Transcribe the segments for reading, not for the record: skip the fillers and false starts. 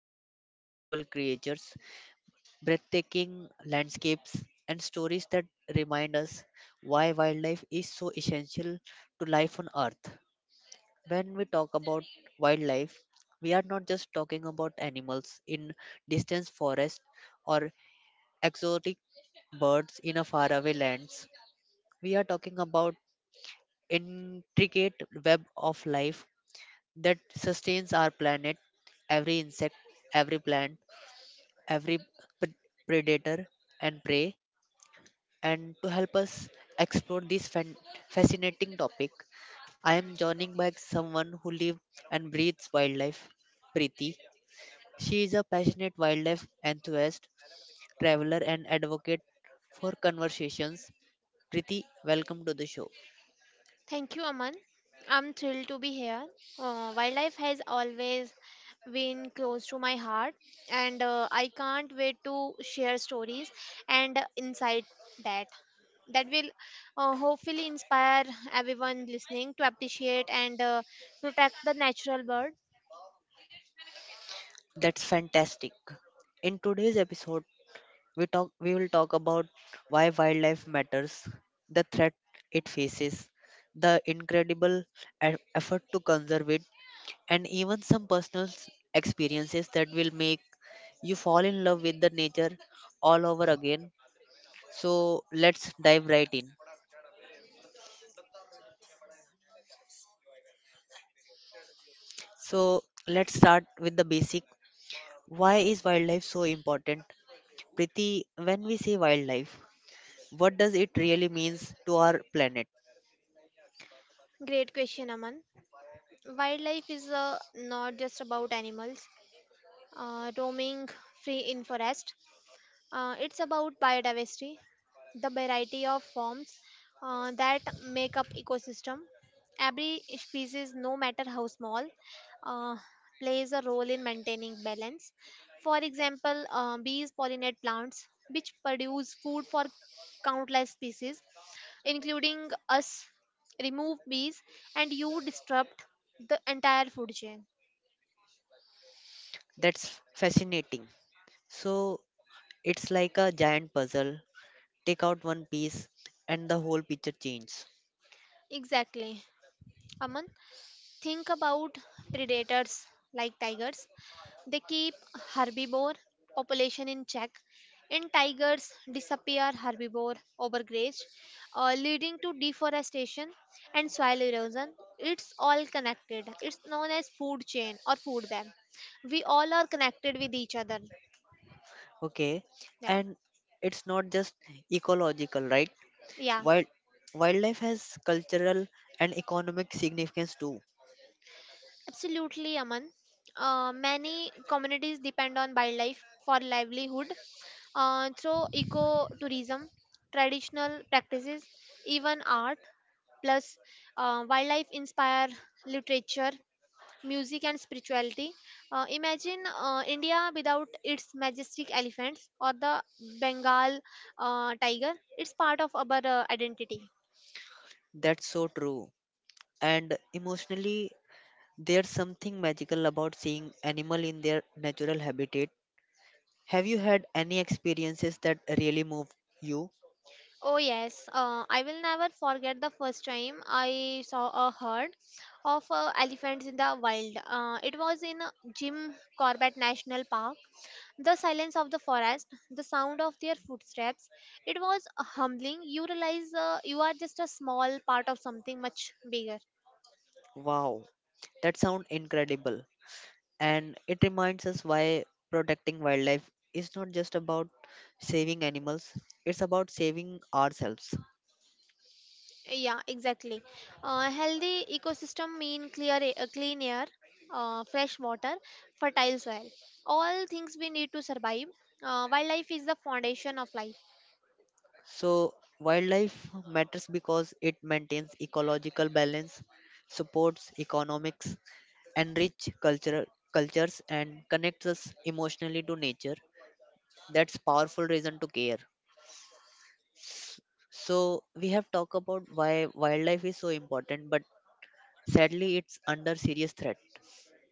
filled with incredible creatures, breathtaking landscapes, and stories that remind us why wildlife is so essential to life on Earth. When we talk about wildlife, we are not just talking about animals in distant forests or exotic birds in a faraway lands. We are talking about intricate web of life that sustains our planet. Every insect, every plant, every p- predator and prey. And to help us explore this fascinating topic, I am joining by someone who lives and breathes wildlife, Preeti. She is a passionate wildlife enthusiast, traveler, and advocate for conversations. Kriti, welcome to the show. Thank you, Aman. I'm thrilled to be here. Wildlife has always been close to my heart, and I can't wait to share stories and insight that that will hopefully inspire everyone listening to appreciate and protect the natural world. That's fantastic. In today's episode, we will talk about why wildlife matters, the threat it faces, the incredible effort to conserve it, and even some personal experiences that will make you fall in love with the nature all over again. So let's dive right in. So let's start with the basic. Why is wildlife so important? Priti, when we say wildlife, what does it really means to our planet? Great question, Aman. Wildlife is not just about animals roaming free in forest. It's about biodiversity, the variety of forms that make up ecosystem. Every species, no matter how small, uh, plays a role in maintaining balance. For example, bees pollinate plants, which produce food for countless species, including us. Remove bees, and you disrupt the entire food chain. That's fascinating. So it's like a giant puzzle. Take out one piece and the whole picture changes. Exactly, Aman. Think about predators like tigers. They keep herbivore population in check, and tigers disappear herbivore overgraze, leading to deforestation and soil erosion. It's all connected. It's known as food chain or food web. We all are connected with each other. Okay. Yeah, And it's not just ecological, right? yeah. Wild wildlife has cultural and economic significance too. Absolutely, Aman. Many communities depend on wildlife for livelihood through ecotourism, traditional practices, even art. Plus, wildlife inspire literature, music, and spirituality. Imagine India without its majestic elephants or the Bengal tiger. It's part of our identity. That's so true. And emotionally, there's something magical about seeing animal in their natural habitat. Have you had any experiences that really move you? Oh yes, I will never forget the first time I saw a herd of elephants in the wild. It was in Jim Corbett National Park. The silence of the forest, the sound of their footsteps, it was humbling. You realize you are just a small part of something much bigger. Wow, that sounds incredible. And it reminds us why protecting wildlife is not just about saving animals, it's about saving ourselves. Yeah, exactly. Healthy ecosystem mean clean air, fresh water, fertile soil. All things we need to survive. Wildlife is the foundation of life. So, wildlife matters because it maintains ecological balance, supports economics, enrich cultural cultures and connects us emotionally to nature. That's powerful reason to care. So we have talked about why wildlife is so important, but sadly it's under serious threat.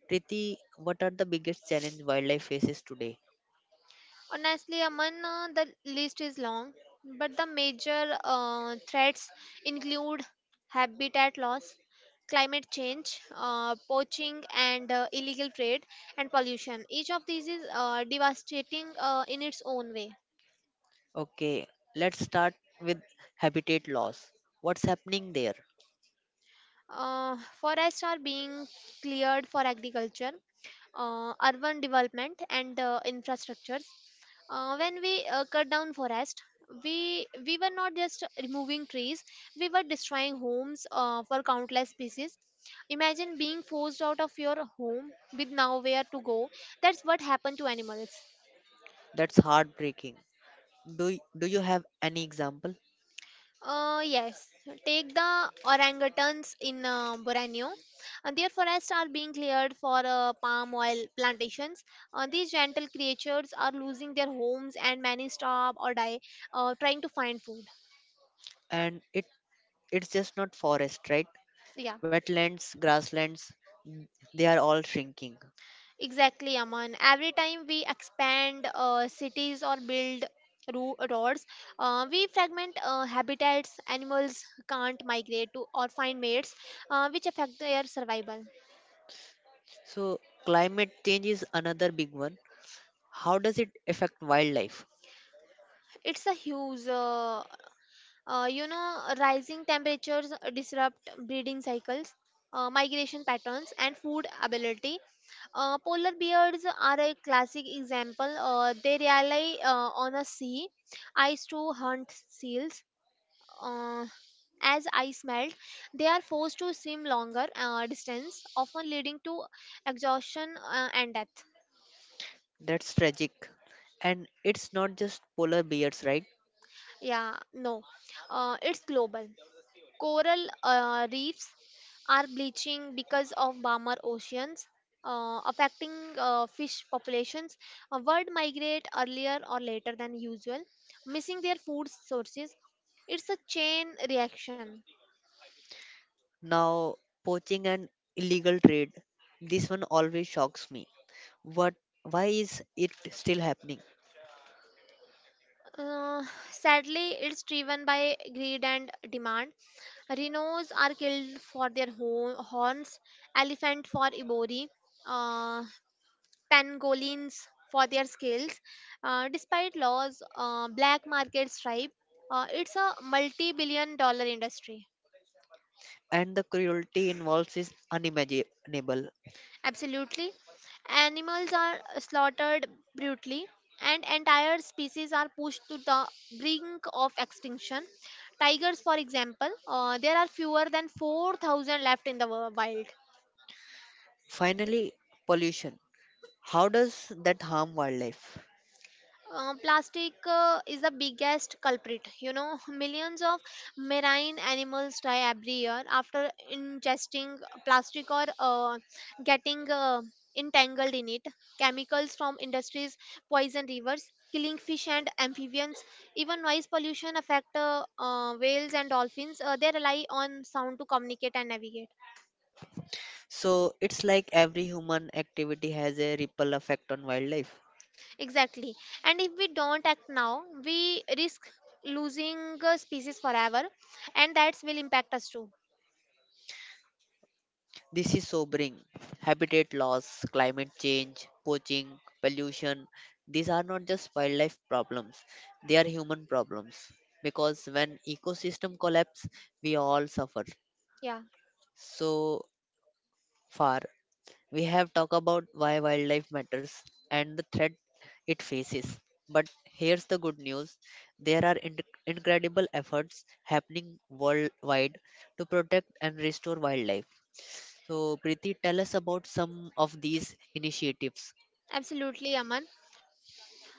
Priti, what are the biggest challenge wildlife faces today? Honestly, Aman, the list is long, but the major threats include habitat loss, climate change, poaching, and illegal trade, and pollution. Each of these is devastating in its own way. Okay, let's start with habitat loss. What's happening there? Forests are being cleared for agriculture, urban development, and infrastructures. When we cut down forest, we were not just removing trees; we were destroying homes for countless species. Imagine being forced out of your home with nowhere to go. That's what happened to animals. That's heartbreaking. Do you have any example? Yes, take the orangutans in Borneo. Their forests are being cleared for palm oil plantations. These gentle creatures are losing their homes, and many starve or die trying to find food. And it's just not forest, right? So, yeah, Wetlands, grasslands, n- they are all shrinking. exactly, Aman. Every time we expand cities or build roads, we fragment habitats. Animals can't migrate to or find mates, which affect their survival. So climate change is another big one. How does it affect wildlife? It's a huge you know, rising temperatures disrupt breeding cycles, migration patterns, and food availability. Polar bears are a classic example. They rely on a sea ice to hunt seals. Uh, as ice melt, they are forced to swim longer distance, often leading to exhaustion and death. That's tragic. And it's not just polar bears, right? Yeah, no, it's global. Coral reefs are bleaching because of warmer oceans, affecting fish populations. Birds migrate earlier or later than usual, missing their food sources. It's a chain reaction. Now, poaching and illegal trade. This one always shocks me. What why is it still happening? Uh, Sadly, it's driven by greed and demand. Rhinos are killed for their horns, elephant for ivory, uh, pangolins for their scales. Despite laws, black market stripe, it's a multi-billion dollar industry. And the cruelty involved is unimaginable. Absolutely. Animals are slaughtered brutally and entire species are pushed to the brink of extinction. Tigers, for example, there are fewer than 4,000 left in the wild. Finally, pollution. How does that harm wildlife? Plastic is the biggest culprit. You know, millions of marine animals die every year after ingesting plastic or getting entangled in it. Chemicals from industries poison rivers, killing fish and amphibians. Even noise pollution affect whales and dolphins. They rely on sound to communicate and navigate. So it's like every human activity has a ripple effect on wildlife. Exactly. And if we don't act now, we risk losing a species forever, and that will impact us too. This is sobering. Habitat loss, climate change, poaching, pollution, these are not just wildlife problems, they are human problems. Because when ecosystem collapse, we all suffer. Yeah, So far, we have talked about why wildlife matters and the threat it faces. But here's the good news, there are incredible efforts happening worldwide to protect and restore wildlife. So, Preeti, tell us about some of these initiatives. absolutely, Aman. Uh,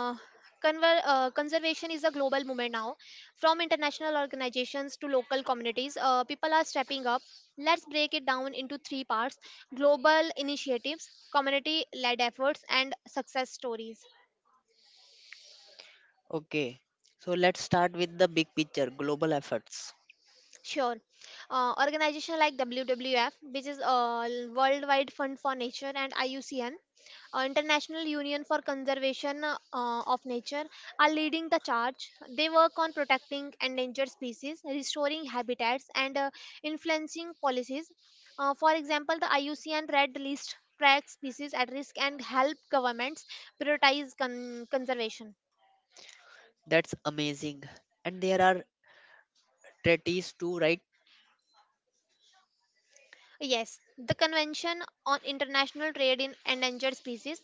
conservation is a global movement now. From international organizations to local communities, people are stepping up. Let's break it down into three parts: global initiatives, community led efforts, and success stories. Okay, so let's start with the big picture global efforts. Sure. Organization like WWF, which is Worldwide Fund for Nature, and IUCN, International Union for Conservation of Nature, are leading the charge. They work on protecting endangered species, restoring habitats, and influencing policies. For example, the IUCN Red List tracks species at risk and help governments prioritize conservation. That's amazing. And there are treaties too, right? Yes, the Convention on International Trade in Endangered Species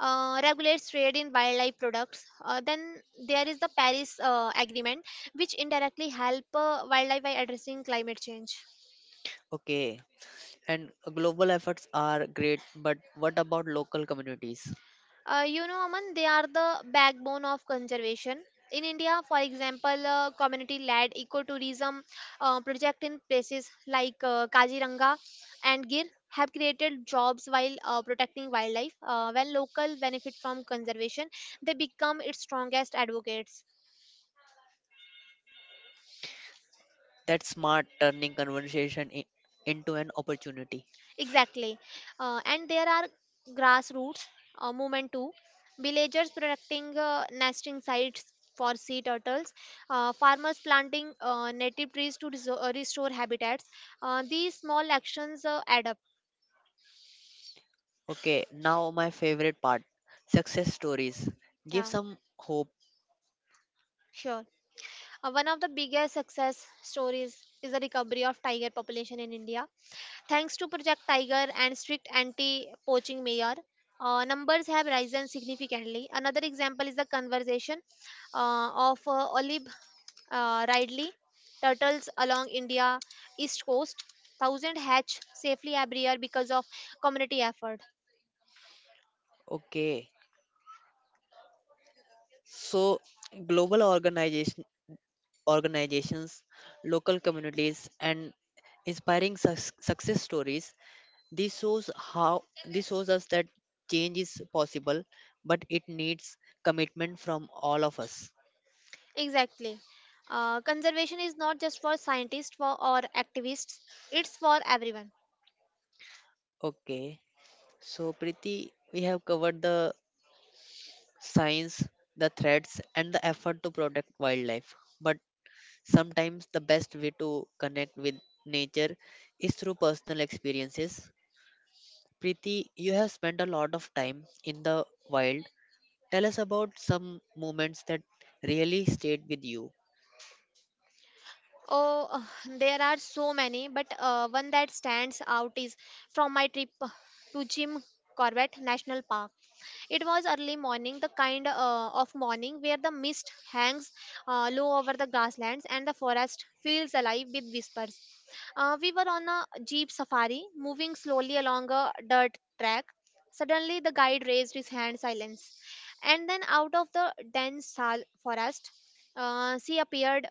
regulates trade in wildlife products. Then there is the Paris Agreement, which indirectly help wildlife by addressing climate change. Okay, and global efforts are great, but what about local communities? You know, Aman, they are the backbone of conservation. In India, for example, community-led ecotourism project in places like Kaziranga and Gir have created jobs while protecting wildlife. When local benefit from conservation, they become its strongest advocates. That's smart, turning conversation into an opportunity. Exactly. And there are grassroots movement too. Villagers protecting nesting sites for sea turtles, farmers planting native trees to restore habitats. These small actions add up. Okay, now my favorite part, success stories. Give Yeah, some hope. sure. One of the biggest success stories is the recovery of tiger population in India. Thanks to Project Tiger and strict anti-poaching measure, numbers have risen significantly. Another example is the conservation of olive ridley turtles along India east coast. Thousand hatch safely every year because of community effort. Okay, so global organization. Organizations, local communities, and inspiring success stories. This shows us that change is possible, but it needs commitment from all of us. Exactly. Conservation is not just for scientists for, or activists, it's for everyone. Okay, so Priti, we have covered the science, the threats, and the effort to protect wildlife. But sometimes the best way to connect with nature is through personal experiences. Priti, you have spent a lot of time in the wild. Tell us about some moments that really stayed with you. Oh, there are so many, but one that stands out is from my trip to Jim Corbett National Park. It was early morning, the kind of morning where the mist hangs low over the grasslands and the forest feels alive with whispers. We were on a jeep safari, moving slowly along a dirt track. Suddenly, the guide raised his hand, silence, and then out of the dense forest, she appeared,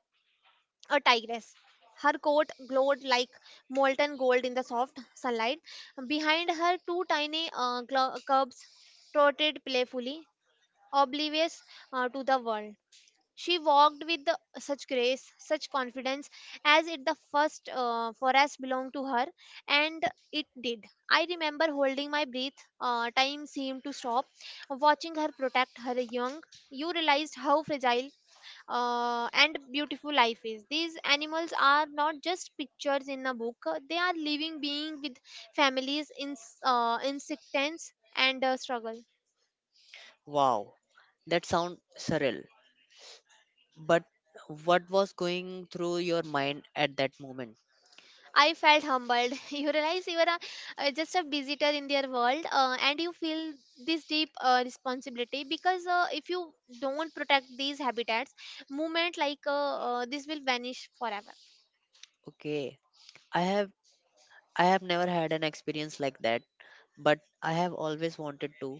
a tigress. Her coat glowed like molten gold in the soft sunlight. Behind her, two tiny cubs trotted playfully, oblivious to the world. She walked with such grace, such confidence, as if the first forest belonged to her, and it did. I remember holding my breath. Time seemed to stop. Watching her protect her young, you realized how fragile and beautiful life is. These animals are not just pictures in a book; they are living beings with families, in insects, and struggle. Wow, that sounds surreal. But what was going through your mind at that moment? I felt humbled. You realize you are just a visitor in their world, and you feel this deep responsibility, because if you don't protect these habitats, movement like this will vanish forever. Okay, I have I have never had an experience like that, but I have always wanted to.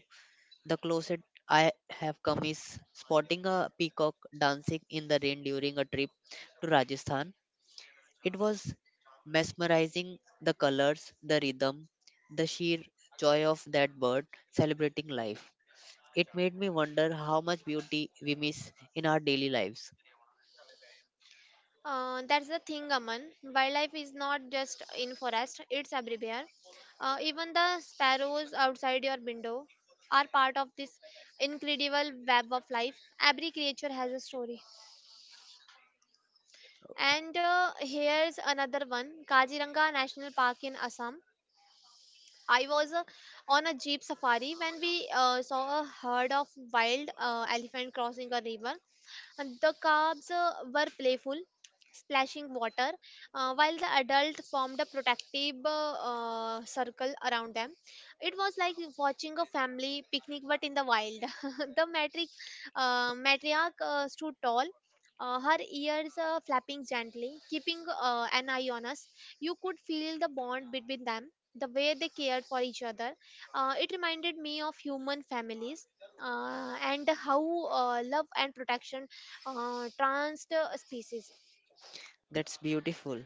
The closest I have come is spotting a peacock dancing in the rain during a trip to Rajasthan. It was mesmerizing, the colors, the rhythm, the sheer joy of that bird celebrating life. It made me wonder how much beauty we miss in our daily lives. That's the thing, Aman. Wildlife is not just in forest; it's everywhere. Even the sparrows outside your window are part of this incredible web of life. Every creature has a story. And here's another one: Kaziranga National Park in Assam. I was on a jeep safari when we saw a herd of wild elephant crossing a river. The cubs were playful, splashing water, while the adult formed a protective circle around them. It was like watching a family picnic, but in the wild. The matriarch stood tall. Her ears flapping gently, keeping an eye on us. You could feel the bond between them, the way they cared for each other. It reminded me of human families and how love and protection trans species. That's beautiful.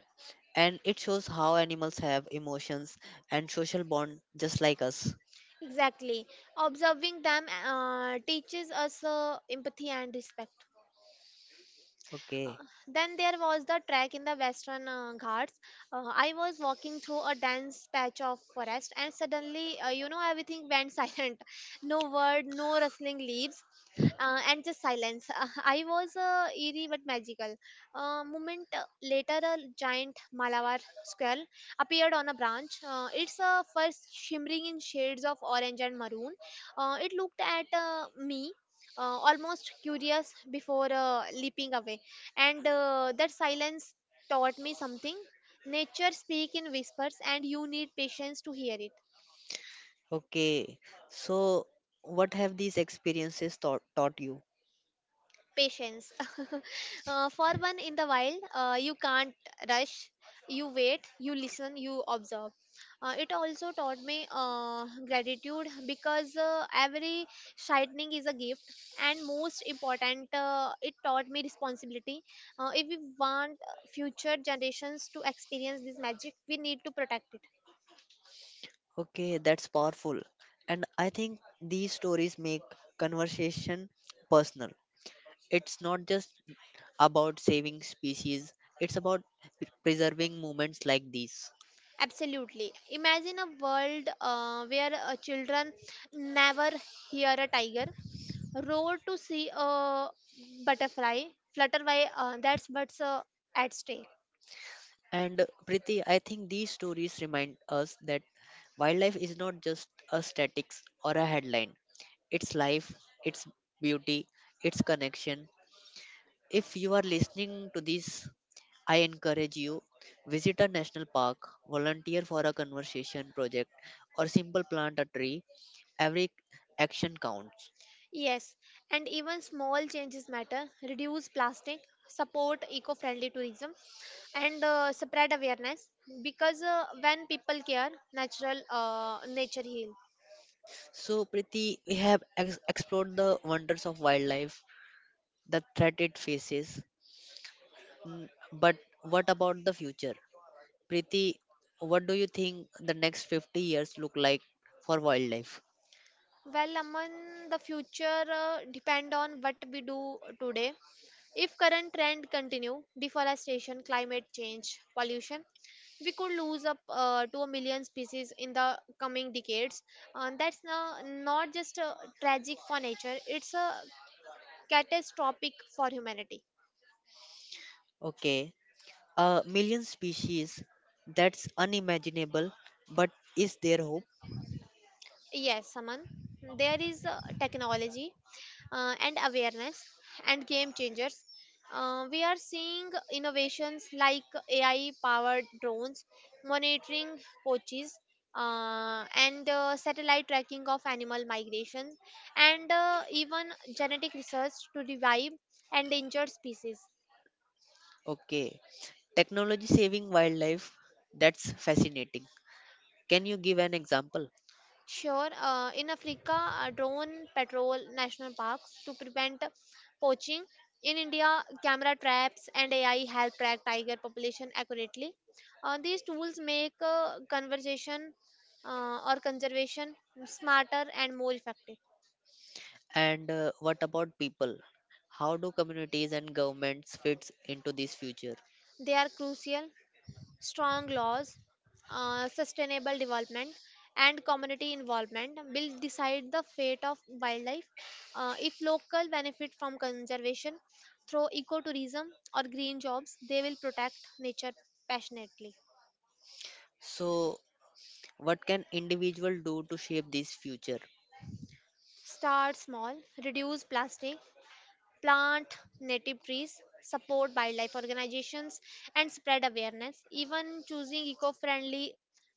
And it shows how animals have emotions and social bond just like us. Exactly. Observing them teaches us empathy and respect. Uh, Okay. then there was the trek in the Western Ghats. I was walking through a dense patch of forest, and suddenly, you know, everything went silent. No word, no rustling leaves, and just silence. I was eerie but magical. A moment later, a giant Malabar squirrel appeared on a branch. Its first shimmering in shades of orange and maroon. It looked at me. Almost curious before leaping away, and that silence taught me something. Nature speak in whispers, and you need patience to hear it. Okay. So what have these experiences taught you? Patience, for one. In the wild you can't rush. You wait, you listen, you observe. It also taught me gratitude, because every shining is a gift. And most important, it taught me responsibility. If we want future generations to experience this magic, we need to protect it. Okay, that's powerful. And I think these stories make conversation personal. It's not just about saving species, it's about preserving moments like these. Absolutely. Imagine a world where children never hear a tiger roar to see a butterfly flutter by. That's what's at stake. And Priti, I think these stories remind us that wildlife is not just a statics or a headline. It's life, it's beauty, it's connection. If you are listening to this, I encourage you, visit a national park, volunteer for a conservation project, or simple plant a tree. Every action counts. Yes, and even small changes matter. Reduce plastic, support eco-friendly tourism, and spread awareness, because when people care, natural nature heal. So, Priti, we have explored the wonders of wildlife, the threat it faces. Mm, but what about the future? Priti, what do you think the next 50 years look like for wildlife? Well, Aman, the future depend on what we do today. If current trend continue, deforestation, climate change, pollution, we could lose up to a million species in the coming decades. And that's not just tragic for nature; it's a catastrophic for humanity. Okay, a million species, that's unimaginable, but is there hope? Yes, Saman, there is technology and awareness and game changers. We are seeing innovations like AI powered drones, monitoring poaches, and satellite tracking of animal migrations, and even genetic research to revive endangered species. Okay, technology saving wildlife, that's fascinating. Can you give an example? Sure, in Africa, drone patrol national parks to prevent poaching. In India, camera traps and AI help track tiger population accurately. These tools make conservation or conservation smarter and more effective. And what about people? How do communities and governments fit into this future? They are crucial: strong laws, sustainable development, and community involvement will decide the fate of wildlife. If local benefit from conservation through ecotourism or green jobs, they will protect nature passionately. So, what can individual do to shape this future? Start small, reduce plastic, plant native trees, support wildlife organizations, and spread awareness. Even choosing eco friendly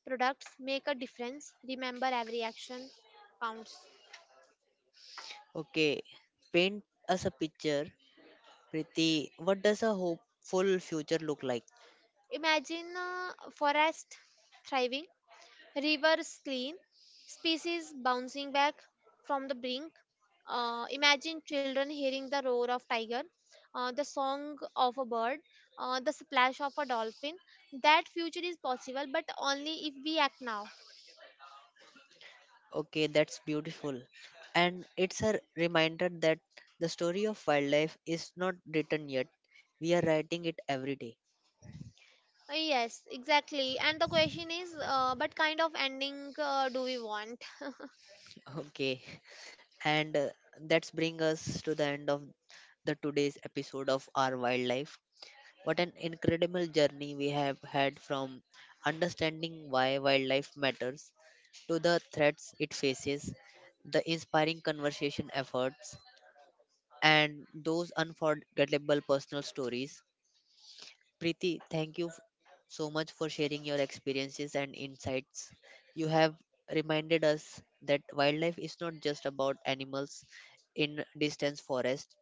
products make a difference. Remember, every action counts. Okay, paint us a picture, Priti. What does a hopeful future look like? Imagine forest thriving, rivers clean, species bouncing back from the brink. Imagine children hearing the roar of tiger, the song of a bird, the splash of a dolphin. That future is possible, but only if we act now. Okay, that's beautiful. And it's a reminder that the story of wildlife is not written yet. We are writing it every day. Yes, exactly. And the question is, what kind of ending do we want? Okay, and that's bring us to the end of the today's episode of our wildlife. What an incredible journey we have had, from understanding why wildlife matters to the threats it faces, the inspiring conversation efforts, and those unforgettable personal stories. Preeti, thank you so much for sharing your experiences and insights. You have reminded us that wildlife is not just about animals in distant forest,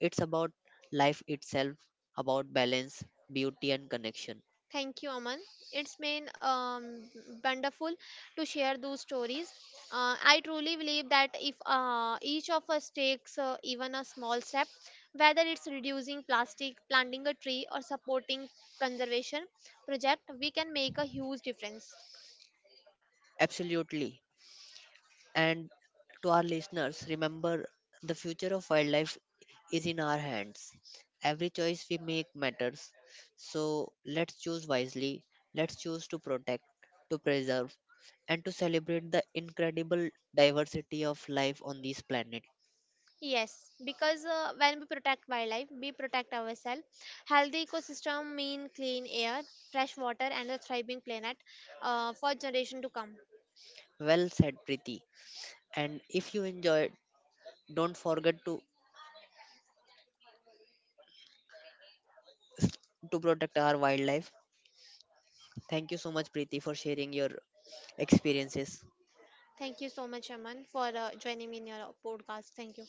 it's about life itself, about balance, beauty, and connection. Thank you, Aman. It's been wonderful to share those stories. I truly believe that if each of us takes even a small step, whether it's reducing plastic, planting a tree, or supporting conservation project, we can make a huge difference. Absolutely. And to our listeners, remember the future of wildlife is in our hands. Every choice we make matters. So let's choose wisely. Let's choose to protect, to preserve, and to celebrate the incredible diversity of life on this planet. Yes, because when we protect wildlife, we protect ourselves. Healthy ecosystem mean clean air, fresh water, and a thriving planet for generation to come. Well said, Preeti. And if you enjoyed, don't forget to protect our wildlife. Thank you so much, Preeti, for sharing your experiences. Thank you so much, Aman, for joining me in your podcast. Thank you.